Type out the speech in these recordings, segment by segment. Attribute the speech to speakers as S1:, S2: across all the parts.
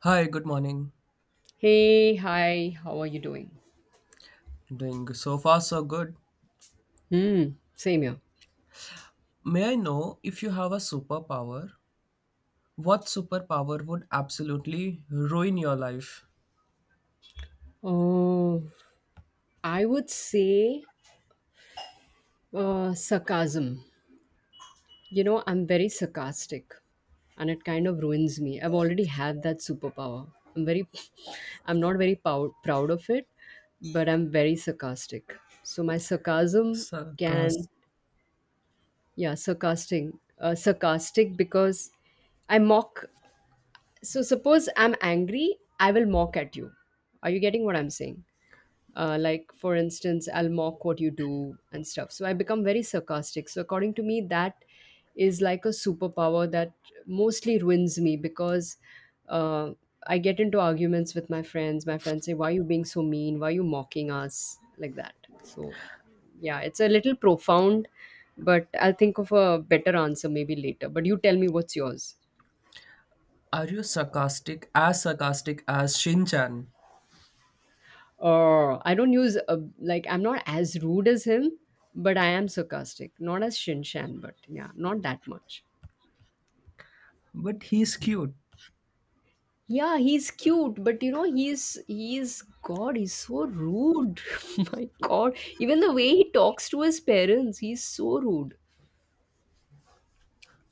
S1: Hi, good morning.
S2: Hey, hi, how are you doing?
S1: Doing so far so good.
S2: Hmm, same here.
S1: May I know if you have a superpower? What superpower would absolutely ruin your life?
S2: Oh, I would say sarcasm. You know, I'm very sarcastic and it kind of ruins me. I've already had that superpower. I'm very, I'm not proud of it, but I'm very sarcastic. So my sarcasm can,
S1: Sarcas.
S2: yeah, sarcastic, sarcastic because I mock. So suppose I'm angry, I will mock at you. Are you getting what I'm saying? Like for instance, I'll mock what you do and stuff, so I become very sarcastic. So according to me, that is like a superpower that mostly ruins me because uh, I get into arguments with my friends. My friends say, why are you being so mean? Why are you mocking us like that? So yeah, it's a little profound, but I'll think of a better answer maybe later. But you tell me, what's yours?
S1: Are you sarcastic? As sarcastic as Shin-chan.
S2: Oh, I don't use a like I'm not as rude as him, but I am sarcastic. Not as Shinshan, but yeah, not that much.
S1: But he's cute.
S2: Yeah, he's cute, but you know, he's God, he's so rude. My God, even the way he talks to his parents, he's so rude.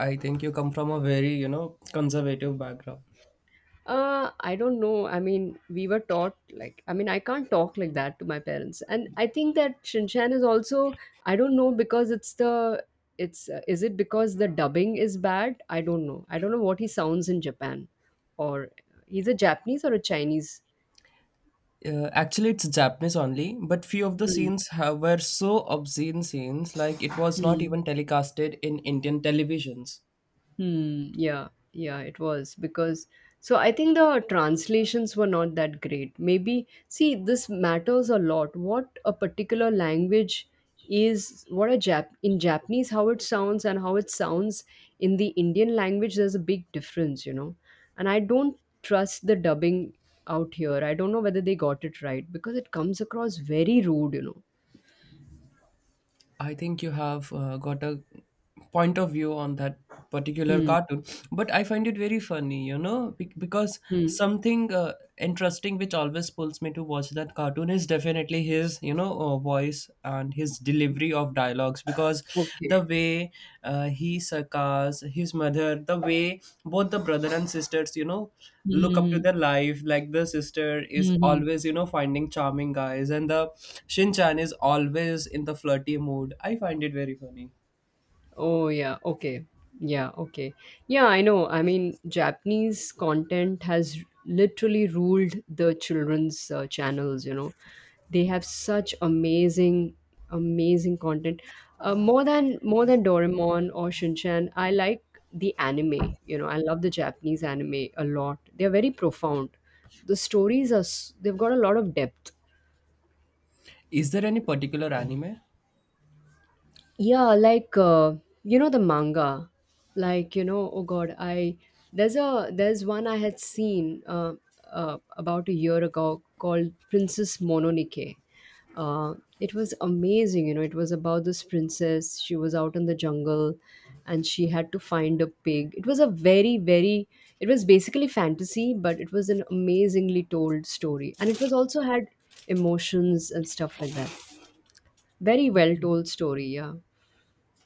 S1: I think you come from a very, conservative background.
S2: I don't know. I mean, we were taught like I mean, I can't talk like that to my parents, and I think that Shinchan is also I don't know, because it's the it's is it because the dubbing is bad? I don't know. I don't know what he sounds in Japan, or he's a Japanese or a Chinese.
S1: Actually, it's Japanese only, but few of the
S2: Hmm.
S1: scenes have, were so obscene scenes, like it was not
S2: Hmm.
S1: even telecasted in Indian televisions.
S2: Hmm. Yeah. Yeah. It was because so I think the translations were not that great. Maybe see, this matters a lot. What a particular language is, what a Japanese, how it sounds and how it sounds in the Indian language. There's a big difference, you know. And I don't trust the dubbing out here. I don't know whether they got it right, because it comes across very rude, you know.
S1: I think you have got a point of view on that particular
S2: Hmm.
S1: cartoon, but I find it very funny, because
S2: Hmm.
S1: something interesting which always pulls me to watch that cartoon is definitely his, voice and his delivery of dialogues because
S2: Okay.
S1: the way he succors his mother, the way both the brother and sisters, look up to
S2: Hmm.
S1: their life, like the sister is
S2: Hmm.
S1: always finding charming guys, and the Shinchan is always in the flirty mood. I find it very funny.
S2: Oh, yeah. Okay. Yeah. Okay. Yeah, I know. I mean, Japanese content has literally ruled the children's channels, you know. They have such amazing, amazing content. More than Doraemon or Shinchan, I like the anime, you know. I love the Japanese anime a lot. They're very profound. They've got a lot of depth.
S1: Is there any particular anime?
S2: Yeah, like you know, the manga, like you know, oh God, I there's a there's one I had seen about a year ago, called Princess Mononoke. Uh, it was amazing, you know. It was about this princess. She was out in the jungle, and she had to find a pig. It was a very very. It was basically fantasy, but it was an amazingly told story, and it was also had emotions and stuff like that. Very well told story, yeah.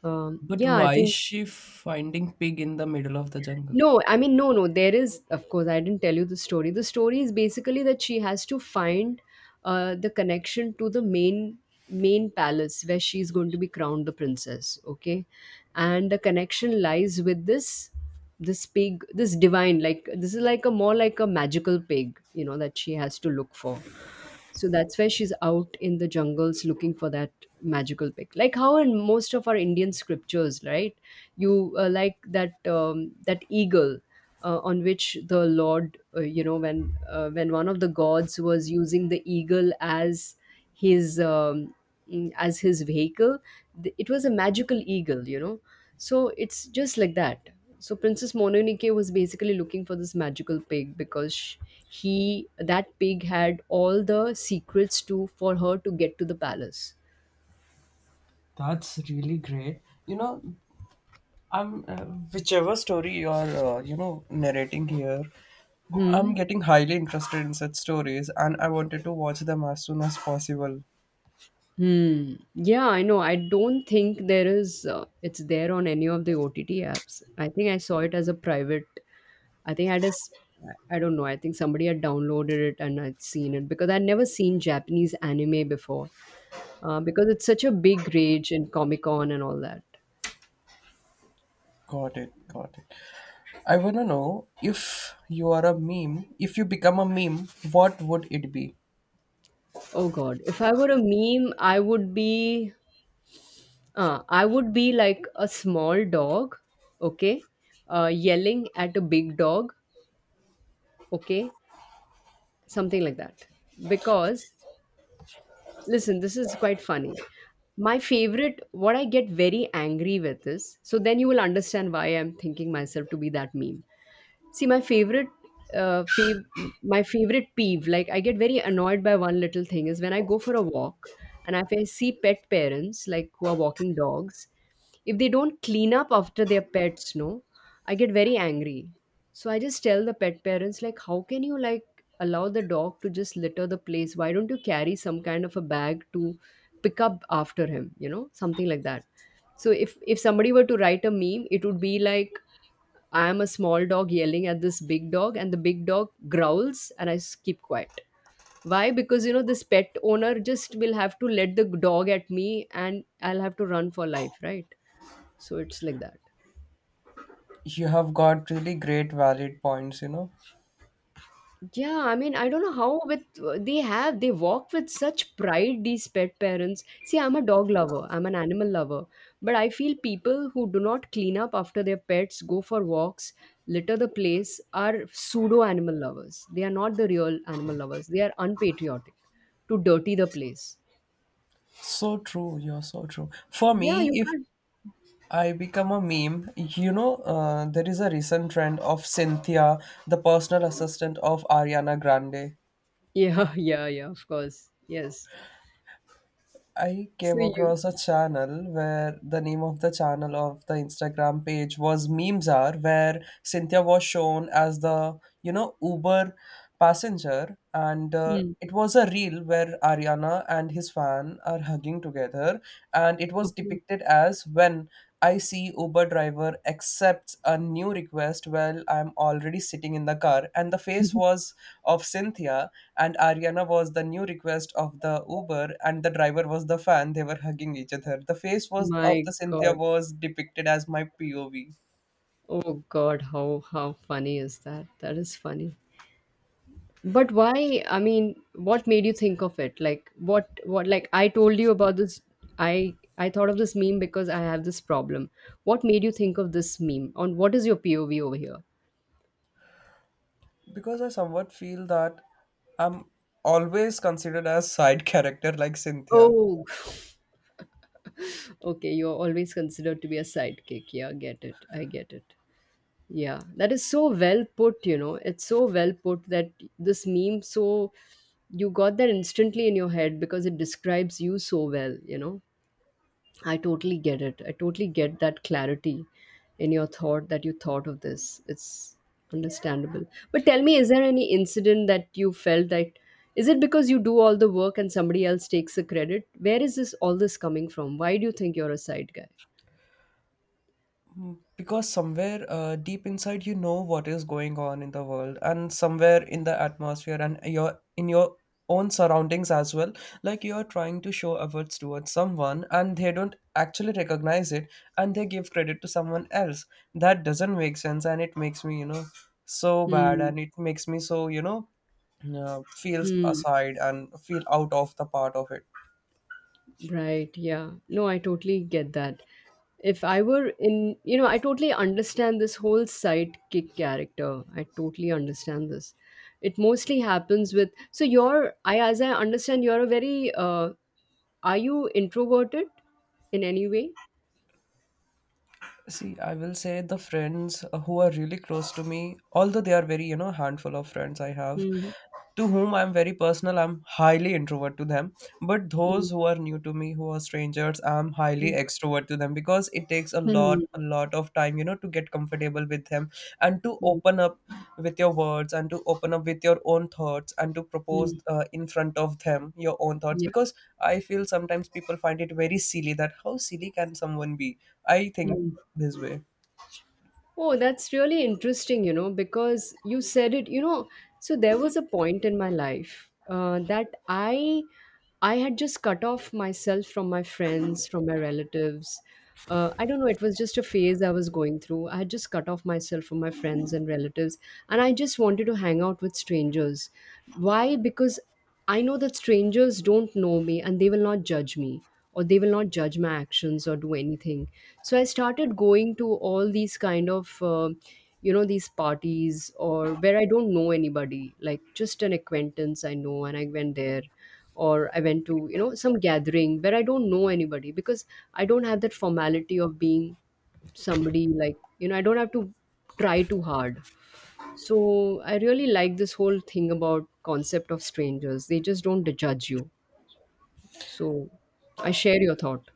S1: But
S2: Yeah, I
S1: why is
S2: think
S1: she finding pig in the middle of the jungle?
S2: no, I mean, no, no. There is, of course, I didn't tell you the story. The story is basically that she has to find the connection to the main palace where she's going to be crowned the princess. Okay, and the connection lies with this pig, this divine. Like, this is like a more like a magical pig, you know, that she has to look for. So that's why she's out in the jungles looking for that magical pig. Like how in most of our Indian scriptures, right? you Like that that eagle on which the lord you know, when one of the gods was using the eagle as his as his vehicle, it was a magical eagle, you know. So it's just like that. So Princess Mononoke was basically looking for this magical pig because sh- he that pig had all the secrets to for her to get to the palace.
S1: That's really great, you know. I'm Whichever story you're, narrating here, I'm
S2: Hmm.
S1: getting highly interested in such stories, and I wanted to watch them as soon as possible.
S2: Hmm. Yeah, I know. I don't think there is. It's there on any of the OTT apps. I think I saw it as a private. I think I just. I don't know. I think somebody had downloaded it and I'd seen it, because I'd never seen Japanese anime before. Because it's such a big rage in Comic Con and all that.
S1: Got it, got it. I wanna know, if you are a meme, if you become a meme, what would it be?
S2: Oh God! If I were a meme, I would be. I would be like a small dog. Okay. Yelling at a big dog. Okay. Something like that because listen, this is quite funny. My favorite, what I get very angry with is, so then you will understand why I'm thinking myself to be that meme. See, my favorite, uh, fav- my favorite peeve, like I get very annoyed by one little thing is when I go for a walk and if I see pet parents, like who are walking dogs, if they don't clean up after their pets, no, I get very angry. So I just tell the pet parents, like, how can you like allow the dog to just litter the place? Why don't you carry some kind of a bag to pick up after him? You know, something like that. So if somebody were to write a meme, it would be like I am a small dog yelling at this big dog, and the big dog growls, and I keep quiet. Why? Because you know, this pet owner just will have to let the dog at me, and I'll have to run for life, right? So it's like that.
S1: You have got really great valid points, you know.
S2: Yeah, I mean, I don't know how with they walk with such pride, these pet parents. See, I'm a dog lover. I'm an animal lover. But I feel people who do not clean up after their pets, go for walks, litter the place are pseudo animal lovers. They are not the real animal lovers. They are unpatriotic to dirty the place.
S1: So true, you're so true. For
S2: Yeah,
S1: me,
S2: you
S1: if
S2: can't.
S1: I become a meme, you know, there is a recent trend of Cynthia, the personal assistant of Ariana Grande.
S2: Yeah, yeah, yeah, of course. Yes.
S1: I
S2: So
S1: came
S2: you
S1: across a channel where the name of the channel of the Instagram page was Memes Are, where Cynthia was shown as the, you know, Uber passenger. And
S2: hmm.
S1: it was a reel where Ariana and his fan are hugging together. And it was
S2: Okay.
S1: depicted as, when I see Uber driver accepts a new request while I'm already sitting in the car, and the face was of Cynthia, and Ariana was the new request of the Uber, and the driver was the fan. They were hugging each other. The face was of
S2: My
S1: the Cynthia
S2: God.
S1: was depicted as my POV,
S2: Oh God, how funny is that? That is funny. But why? I mean, what made you think of it? Like what like I told you about this I thought of this meme because I have this problem. What made you think of this meme? On what is your POV over here?
S1: because I somewhat feel that I'm always considered as side character, like Cynthia.
S2: Oh, okay, you're always considered to be a sidekick. Yeah, get it. I get it. Yeah, that is so well put, you know. It's so well put that this meme so you got that instantly in your head because it describes you so well, you know. I totally get it. I totally get that clarity in your thought that you thought of this. It's understandable. But tell me, is there any incident that you felt that is it because you do all the work and somebody else takes the credit? Where is this all this coming from? Why do you think you're a side guy?
S1: Because somewhere deep inside, you know what is going on in the world, and somewhere in the atmosphere, and your in your own surroundings as well. Like, you are trying to show efforts towards someone, and they don't actually recognize it, and they give credit to someone else. That doesn't make sense, and it makes me, you know, so bad,
S2: Hmm.
S1: and it makes me so, feels
S2: Hmm.
S1: aside and feel out of the part of it.
S2: Right, yeah. No, I totally get that. If I were in, you know, I totally understand this whole sidekick character. I totally understand this. It mostly happens with, so you're, I, as I understand, you're a very, are you introverted in any way?
S1: See, I will say, the friends who are really close to me, although they are very, you know, handful of friends I have,
S2: Mm-hmm.
S1: to whom I'm very personal, I'm highly introvert to them. But those
S2: Mm-hmm.
S1: who are new to me, who are strangers, I'm highly extrovert to them, because it takes a lot,
S2: Mm-hmm.
S1: a lot of time, you know, to get comfortable with them and to open up with your words, and to open up with your own thoughts, and to propose
S2: Mm-hmm.
S1: in front of them your own thoughts,
S2: Yeah.
S1: because I feel sometimes people find it very silly, that how silly can someone be? I think this way.
S2: Oh, that's really interesting, you know, because you said it, you know, so there was a point in my life that I had just cut off myself from my friends, from my relatives. I don't know, it was just a phase I was going through. I had just cut off myself from my friends and relatives, and I just wanted to hang out with strangers. Why? Because I know that strangers don't know me and they will not judge me, or they will not judge my actions or do anything. So I started going to all these kind of you know, these parties or where I don't know anybody, like just an acquaintance I know and I went there, or I went to, you know, some gathering where I don't know anybody, because I don't have that formality of being somebody, like, you know, I don't have to try too hard. So I really like this whole thing about concept of strangers, they just don't judge you. So I share your thought.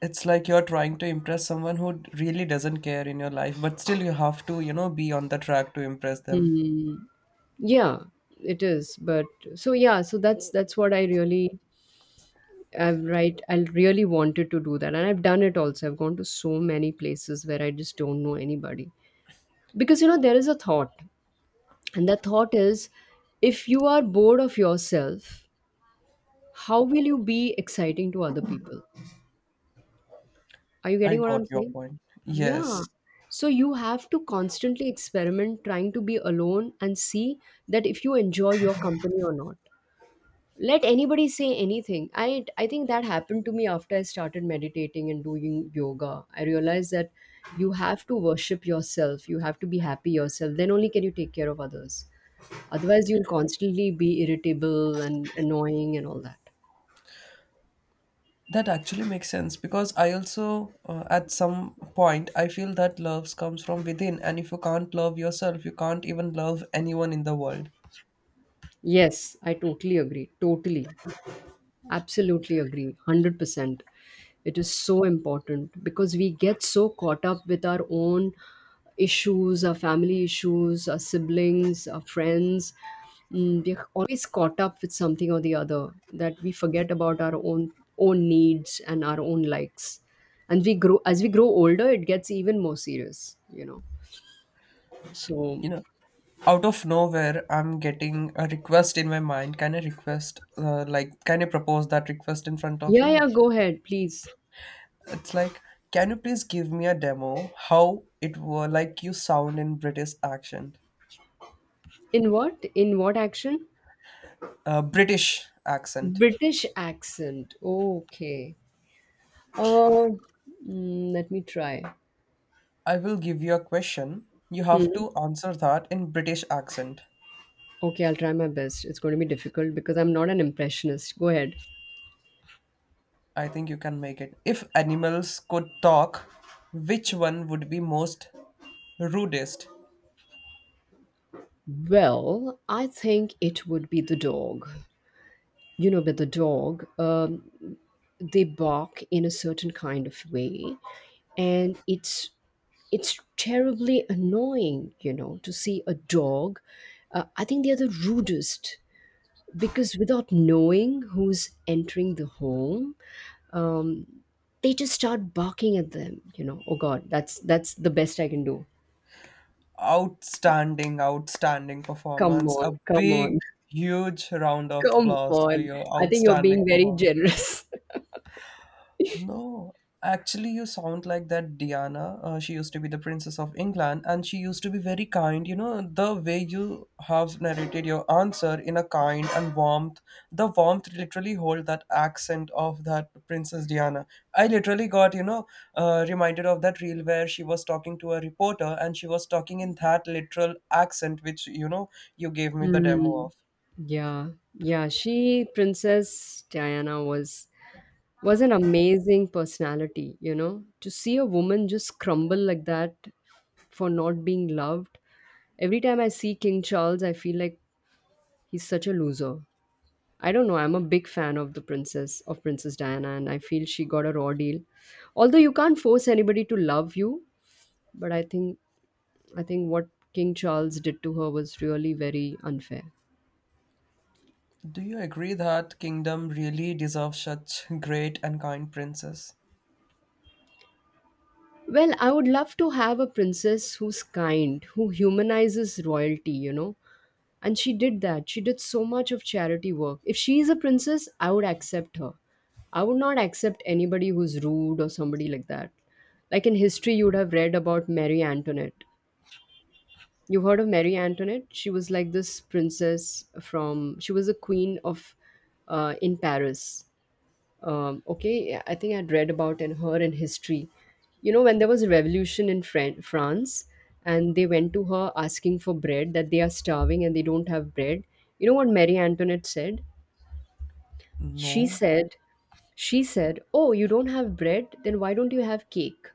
S1: It's like you're trying to impress someone who really doesn't care in your life, but still you have to, you know, be on the track to impress them.
S2: Hmm. Yeah, it is. But so yeah, so that's what I really I really wanted to do that. And I've done it also. I've gone to so many places where I just don't know anybody. Because you know, there is a thought. And that thought is, if you are bored of yourself, how will you be exciting to other people? Are you
S1: I
S2: getting what
S1: got
S2: I'm
S1: your
S2: saying?
S1: point.
S2: Yeah.
S1: Yes.
S2: So you have to constantly experiment trying to be alone and see that if you enjoy your company or not. Let anybody say anything. I think that happened to me after I started meditating and doing yoga. I realized that you have to worship yourself, you have to be happy yourself, then only can you take care of others. Otherwise you'll constantly be irritable and annoying and all that.
S1: That actually makes sense, because I also, at some point, I feel that love comes from within. And if you can't love yourself, you can't even love anyone in the world.
S2: Yes i totally agree totally Absolutely agree. 100%. It is so important because we get so caught up with our own issues, our family issues, our siblings, our friends. We're always caught up with something or the other that we forget about our own needs and our own likes. And we grow as we grow older, it gets even more serious, you know.
S1: You
S2: So
S1: know, out of nowhere, I'm getting a request in my mind. Can I request, like, can I propose that request in front of
S2: yeah,
S1: you?
S2: yeah, go ahead, please.
S1: It's like, can you please give me a demo how it were like you sound in British accent?
S2: In what? In what action?
S1: British accent.
S2: British accent. Okay. Uh, Let me try.
S1: I will give you a question. You have
S2: Hmm.
S1: to answer that in British accent.
S2: Okay, I'll try my best. It's going to be difficult because I'm not an impressionist. Go ahead.
S1: I think you can make it. If animals could talk, which one would be most rudest?
S2: Well, I think it would be the dog. You know, with the dog, they bark in a certain kind of way, and it's terribly annoying. You know, to see a dog. I think they are the rudest because without knowing who's entering the home, um, they just start barking at them, you know. Oh god, that's the best I can do.
S1: Outstanding, outstanding
S2: Come
S1: performance. A
S2: on, come on.
S1: big, huge round of
S2: Come
S1: applause
S2: on.
S1: to your
S2: I think you're
S1: outstanding
S2: being very
S1: performance.
S2: generous.
S1: No, actually, you sound like that Diana. She used to be the Princess of England, and she used to be very kind. You know, the way you have narrated your answer in a kind and warmth, the warmth literally hold that accent of that Princess Diana. I literally got, you know, reminded of that reel where she was talking to a reporter, and she was talking in that literal accent, which, you know, you gave me the demo
S2: Hmm.
S1: of.
S2: Yeah, yeah, she, Princess Diana, was an amazing personality. You know, to see a woman just crumble like that for not being loved. Every time I see King Charles, I feel like he's such a loser. I don't know. I'm a big fan of the princess of Princess Diana, and I feel she got a raw deal. Although you can't force anybody to love you, but I think what King Charles did to her was really very unfair.
S1: Do you agree that Kingdom really deserves such great and kind princess?
S2: Well, I would love to have a princess who's kind, who humanizes royalty, you know. And she did that. She did so much of charity work. If she is a princess, I would accept her. I would not accept anybody who's rude or somebody like that. Like in history, you would have read about Mary Antoinette. You've heard of Mary Antoinette? She was like this princess from, she was a queen of, in Paris. Okay, I think I'd read about in her in history. You know, when there was a revolution in France, and they went to her asking for bread, that they are starving and they don't have bread. You know what Mary Antoinette said? She
S1: No.
S2: said, she said, oh, you don't have bread? Then why don't you have cake?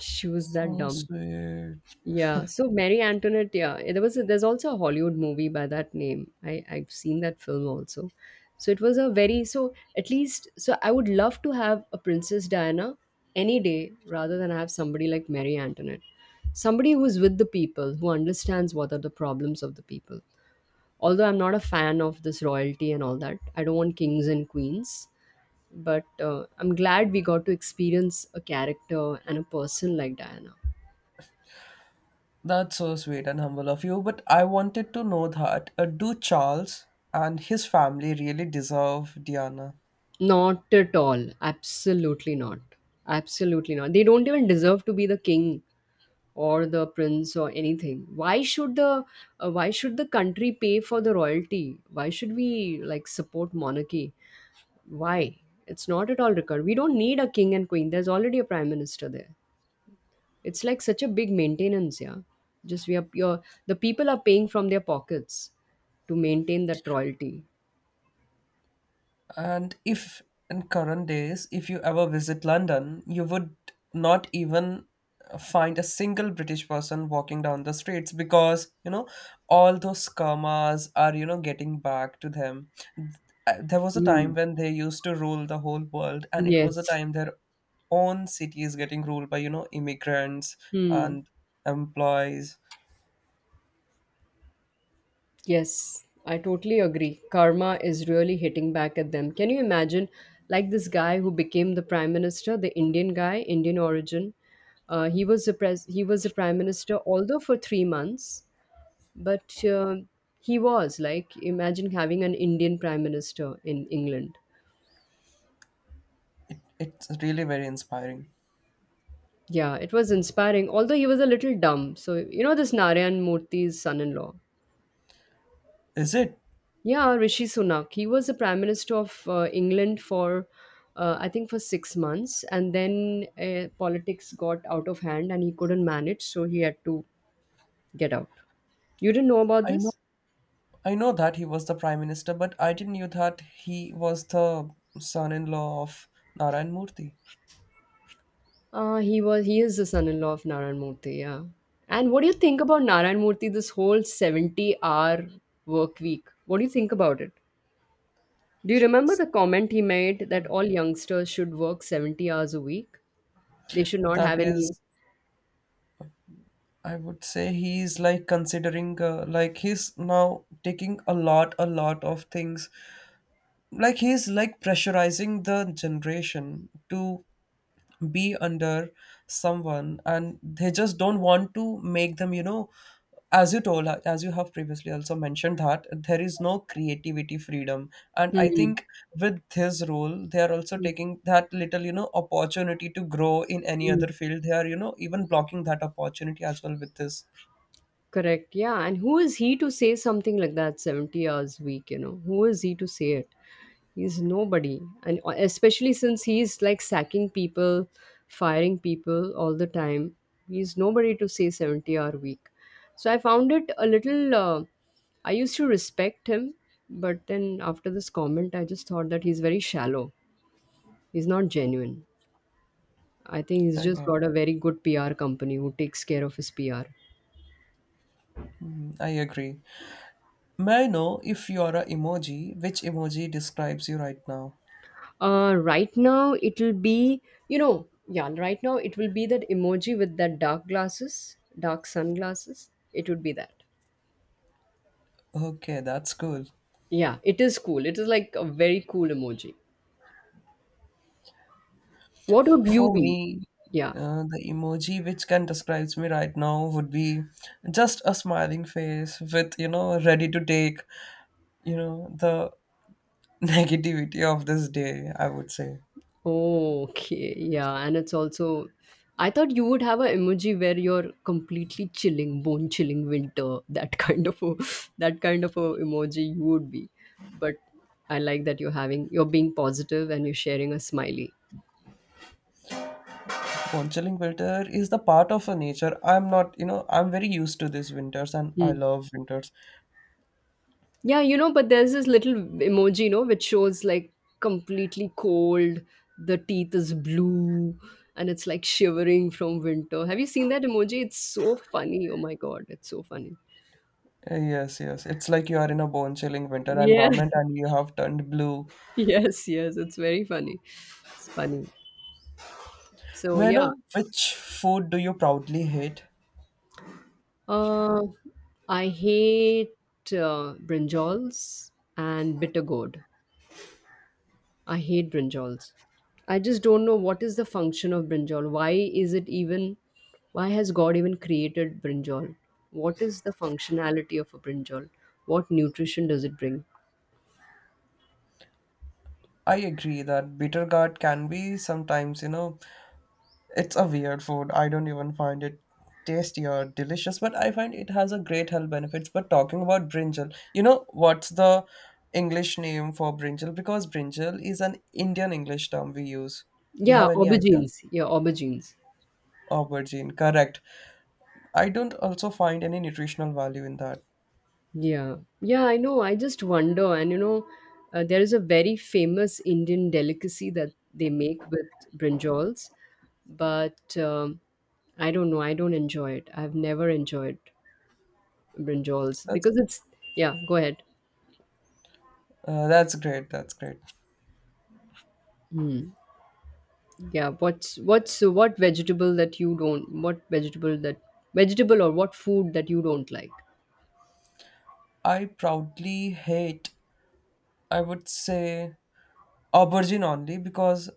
S2: She was that
S1: So
S2: dumb.
S1: sweet.
S2: Yeah, so Mary Antoinette, yeah, there was there's also a Hollywood movie by that name. I've seen that film also. So it was a very so at least so I would love to have a Princess Diana any day rather than have somebody like Mary Antoinette. Somebody who's with the people, who understands what are the problems of the people. Although I'm not a fan of this royalty and all that. I don't want kings and queens, but I'm glad we got to experience a character and a person like Diana.
S1: That's so sweet and humble of you. But I wanted to know that do Charles and his family really deserve Diana?
S2: Not at all. Absolutely not. Absolutely not. They don't even deserve to be the king or the prince or anything. Why should the country pay for the royalty? Why should we like support monarchy? Why? It's not at all required. We don't need a king and queen. There's already a prime minister there. It's like such a big maintenance, yeah. Just we are your The people are paying from their pockets to maintain that royalty.
S1: And if in current days, if you ever visit London, you would not even find a single British person walking down the streets, because, you know, all those scammers are, you know, getting back to them. There was a
S2: Hmm.
S1: time when they used to rule the whole world, and it was a
S2: Yes.
S1: time their own city is getting ruled by, you know, immigrants
S2: Hmm.
S1: and employees.
S2: Yes, I totally agree. Karma is really hitting back at them. Can you imagine, like this guy who became the prime minister, the Indian guy, Indian origin? He was a he was a prime minister, although for 3 months, but he was like, imagine having an Indian prime minister in England.
S1: It, it's really very inspiring.
S2: Yeah, it was inspiring. Although he was a little dumb. So you know this Narayan Murthy's son-in-law.
S1: Is it?
S2: Yeah, Rishi Sunak. He was the Prime Minister of England for, I think, for 6 months, and then politics got out of hand, and he couldn't manage, so he had to get out. You didn't know about
S1: I know.
S2: this?
S1: I know that he was the prime minister, but I didn't know that he was the son-in-law of Narayan Murthy.
S2: He was. He is the son-in-law of Narayan Murthy. Yeah. And what do you think about Narayan Murthy? This whole 70-hour work week. What do you think about it? Do you remember the comment he made that all youngsters should work 70 hours a week? They should not
S1: That
S2: have
S1: is,
S2: any.
S1: I would say, he's like considering, like, he's now taking a lot of things. Like, he's like pressurizing the generation to be under someone, and they just don't want to make them, you know, as you told, as you have previously also mentioned, that there is no creativity freedom. And I
S2: Hmm.
S1: think with this role, they are also taking that little, you know, opportunity to grow in any
S2: Hmm.
S1: other field. They are, you know, even blocking that opportunity as well with this.
S2: Correct. Yeah. And who is he to say something like that? 70 hours a week? You know, who is he to say it? He's nobody. And especially since he's like sacking people, firing people all the time, he's nobody to say 70-hour week. So I found it a little, I used to respect him, but then after this comment, I just thought that he's very shallow. He's not genuine. I think he's
S1: I
S2: just
S1: got,
S2: got a very good PR company who takes care of his PR.
S1: I agree. May I know, if you are a emoji, which emoji describes you right now?
S2: Right now it'll be, you know, yeah, right now it will be that emoji with that dark glasses, dark sunglasses. It would be that.
S1: Okay, that's cool.
S2: Yeah, it is cool. It is like a very cool emoji. What would you
S1: For
S2: be?
S1: me,
S2: Yeah.
S1: the emoji which can describes me right now would be just a smiling face with, you know, ready to take, you know, the negativity of this day, I would say.
S2: Oh, okay. Yeah, and it's also I thought you would have an emoji where you're completely chilling, bone chilling winter, that kind of a that kind of a emoji you would be. But I like that you're being positive and you're sharing a smiley.
S1: Conchilling winter is the part of a nature. I'm not, you know, I'm very used to these winters, and I
S2: Hmm.
S1: love winters.
S2: Yeah, you know, but there's this little emoji, you know, which shows like completely cold, the teeth is blue, and it's like shivering from winter. Have you seen that emoji? It's so funny. Oh my god, it's so funny.
S1: Yes, yes. It's like you are in a bone chilling winter
S2: Yeah,
S1: environment, and you have turned blue.
S2: yes, yes, it's very funny. It's funny. So
S1: May I
S2: yeah,
S1: know which food do you proudly hate?
S2: uh, I hate brinjals and bitter gourd. I hate brinjals. I just don't know what is the function of brinjal. Why is it even? Why has God even created brinjal? What is the functionality of a brinjal? What nutrition does it bring?
S1: I agree that bitter gourd can be sometimes, you know, it's a weird food. I don't even find it tasty or delicious, but I find it has a great health benefits. But talking about brinjal, you know what's the English name for brinjal? Because brinjal is an Indian English term we use. You
S2: Yeah,
S1: have any idea?
S2: aubergines. Yeah, aubergines.
S1: Aubergine, correct. I don't also find any nutritional value in that.
S2: Yeah, yeah, I know. I just wonder, and you know, there is a very famous Indian delicacy that they make with brinjals, but I don't know. I don't enjoy it. I've never enjoyed brinjals
S1: That's
S2: because it's... yeah, go ahead.
S1: that's great. That's great.
S2: Hmm. Yeah, what's what vegetable that you don't... what vegetable that vegetable or what food that you don't like?
S1: I proudly hate. I would say aubergine only, because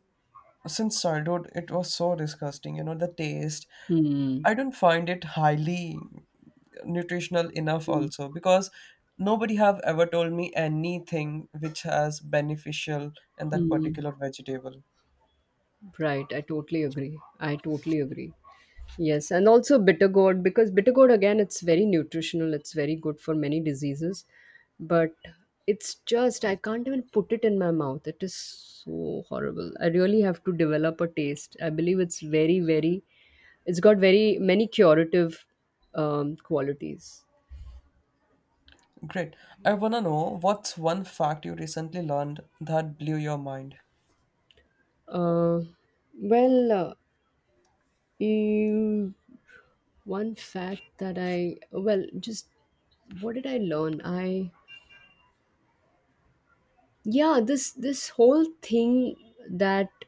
S1: since childhood it was so disgusting. You know the taste,
S2: Hmm.
S1: I don't find it highly nutritional enough
S2: Hmm.
S1: also, because nobody have ever told me anything which has beneficial in that
S2: Hmm.
S1: particular vegetable.
S2: Right, I totally agree, yes, and also bitter gourd, because bitter gourd again it's very nutritional, it's very good for many diseases, but it's just I can't even put it in my mouth. It is so horrible. I really have to develop a taste. I believe it's very it's got very many curative qualities.
S1: Great. I wanna know, what's one fact you recently learned that blew your mind.
S2: Uh, well, uh, you, One fact that I well, just what did I learn? I Yeah, this whole thing that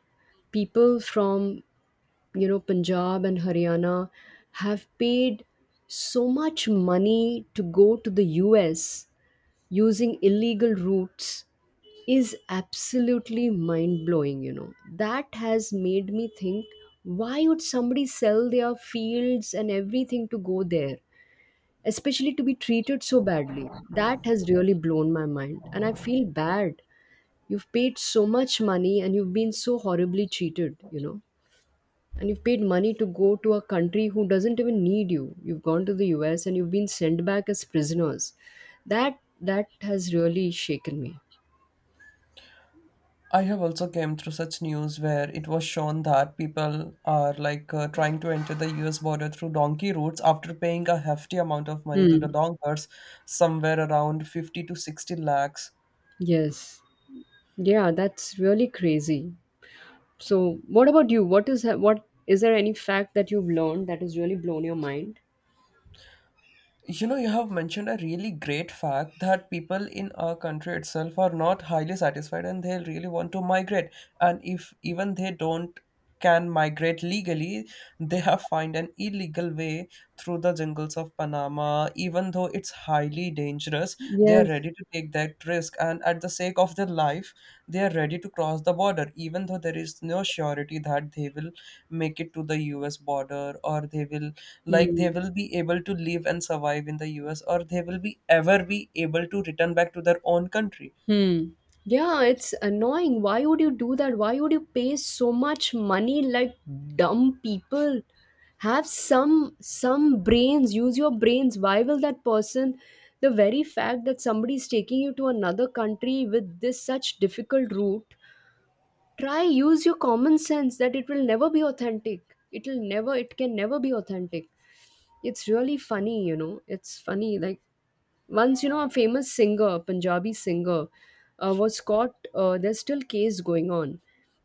S2: people from, you know, Punjab and Haryana have paid so much money to go to the US using illegal routes is absolutely mind blowing. You know, that has made me think, why would somebody sell their fields and everything to go there, especially to be treated so badly? That has really blown my mind and I feel bad. You've paid so much money and you've been so horribly cheated, you know. And you've paid money to go to a country who doesn't even need you. You've gone to the US and you've been sent back as prisoners. That has really shaken me.
S1: I have also came through such news where it was shown that people are like trying to enter the US border through donkey routes, after paying a hefty amount of money to the
S2: Hmm.
S1: donkers, somewhere around 50 to 60 lakhs.
S2: Yes. Yeah, that's really crazy. So, what about you? What is what is... there any fact that you've learned that has really blown your mind?
S1: You know, you have mentioned a really great fact that people in our country itself are not highly satisfied, and they really want to migrate. And if even they don't can migrate legally, they have find an illegal way through the jungles of Panama. Even though it's highly dangerous, they are
S2: Yes.
S1: ready to take that risk. And at the sake of their life, they are ready to cross the border, even though there is no surety that they will make it to the US border, or they will, like, they
S2: Hmm.
S1: will be able to live and survive in the US, or they will be ever be able to return back to their own country.
S2: Hmm. Yeah, it's annoying. Why would you do that? Why would you pay so much money like dumb people? Have some brains, use your brains. Why will that person... the very fact that somebody is taking you to another country with this such difficult route, try use your common sense that it will never be authentic. It can never be authentic. It's really funny, you know. It's funny like once, you know, a famous singer, Punjabi singer, was caught. There's still case going on.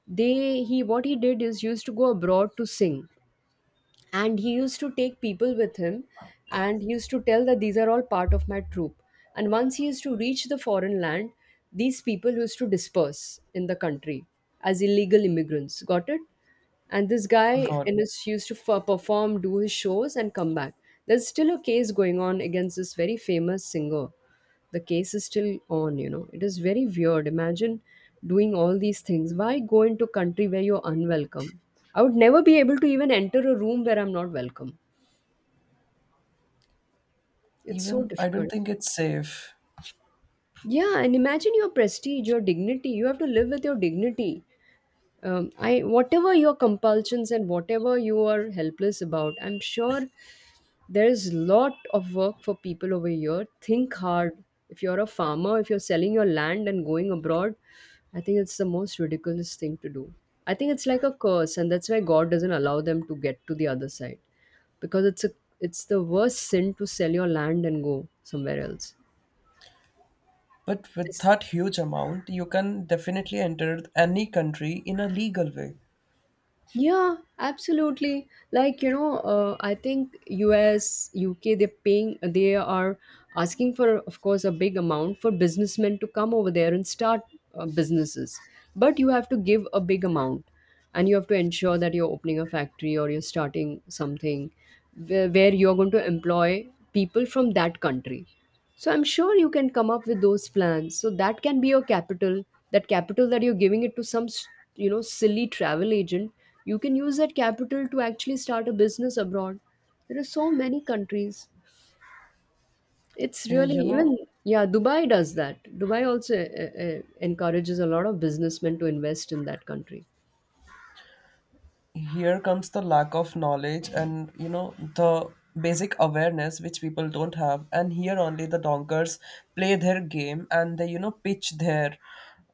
S2: They He, what he did is used to go abroad to sing, and he used to take people with him, and he used to tell that these are all part of my troupe. And once he used to reach the foreign land, these people used to disperse in the country as illegal immigrants. Got it? And this guy
S1: God,
S2: used to perform, do his shows, and come back. There's still a case going on against this very famous singer. The case is still on, you know. It is very weird. Imagine doing all these things. Why go into a country where you're unwelcome? I would never be able to even enter a room where I'm not welcome. It's so
S1: even I don't
S2: difficult.
S1: think it's safe.
S2: Yeah, and imagine your prestige, your dignity. You have to live with your dignity. I, whatever your compulsions and whatever you are helpless about, I'm sure there is lot of work for people over here. Think hard. If you're a farmer, if you're selling your land and going abroad, I think it's the most ridiculous thing to do. I think it's like a curse, and that's why God doesn't allow them to get to the other side because it's the worst sin to sell your land and go somewhere else.
S1: But with
S2: It's
S1: that huge amount, you can definitely enter any country in a legal way.
S2: Yeah, absolutely. Like, you know, I think US, UK, they are asking for, of course, a big amount for businessmen to come over there and start businesses. But you have to give a big amount and you have to ensure that you're opening a factory or you're starting something where you're going to employ people from that country. So I'm sure you can come up with those plans. So that can be your capital. That capital that you're giving it to some, you know, silly travel agent, you can use that capital to actually start a business abroad. There are so many countries. It's
S1: Uh,
S2: really
S1: You know,
S2: even Yeah, Dubai does that. Dubai also encourages a lot of businessmen to invest in that country.
S1: Here comes the lack of knowledge, and you know the basic awareness which people don't have, and here only the donkers play their game, and they, you know, pitch their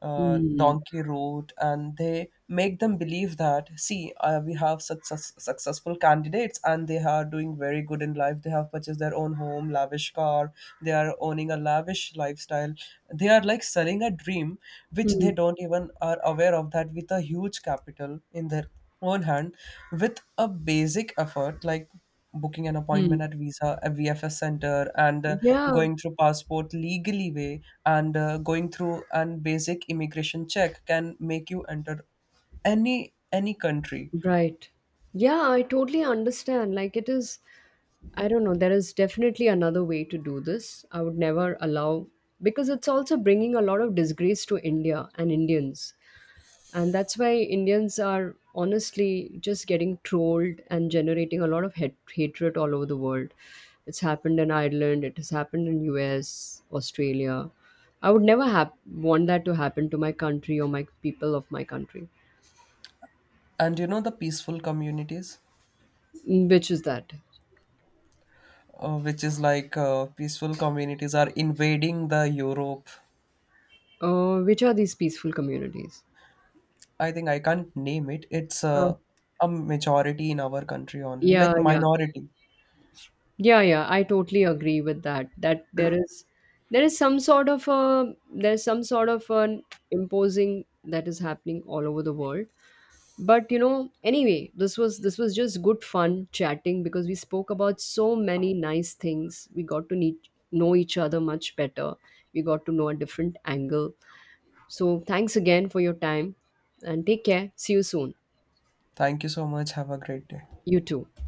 S2: Hmm.
S1: donkey route, and they make them believe that, see, we have such such successful candidates, and they are doing very good in life, they have purchased their own home, lavish car, they are owning a lavish lifestyle, they are like selling a dream, which
S2: Hmm.
S1: they don't even are aware of, that with a huge capital in their one hand, with a basic effort like booking an
S2: Hmm.
S1: appointment at Visa, a VFS center, and
S2: Yeah.
S1: going through passport legally way, and going through an basic immigration check, can make you enter any country.
S2: Right. Yeah, I totally understand. Like, it is, I don't know, there is definitely another way to do this. I would never allow, because it's also bringing a lot of disgrace to India and Indians. And that's why Indians are honestly just getting trolled and generating a lot of hatred all over the world. It's happened in Ireland, it has happened in US, Australia. I would never want that to happen to my country or my people of my country,
S1: And you know the peaceful communities,
S2: which is that.
S1: which is like peaceful communities are invading the Europe.
S2: Which are these peaceful communities?
S1: I think I can't name it. It's
S2: Uh,
S1: a majority in our country only,
S2: yeah,
S1: like minority.
S2: yeah. I totally agree with that. That there is some sort of a there's some sort of an imposing that is happening all over the world. But you know, anyway, this was just good fun chatting because we spoke about so many nice things. We got to know each other much better. We got to know a different angle. So thanks again for your time, and take care. See you soon.
S1: Thank you so much. Have a great day.
S2: You too.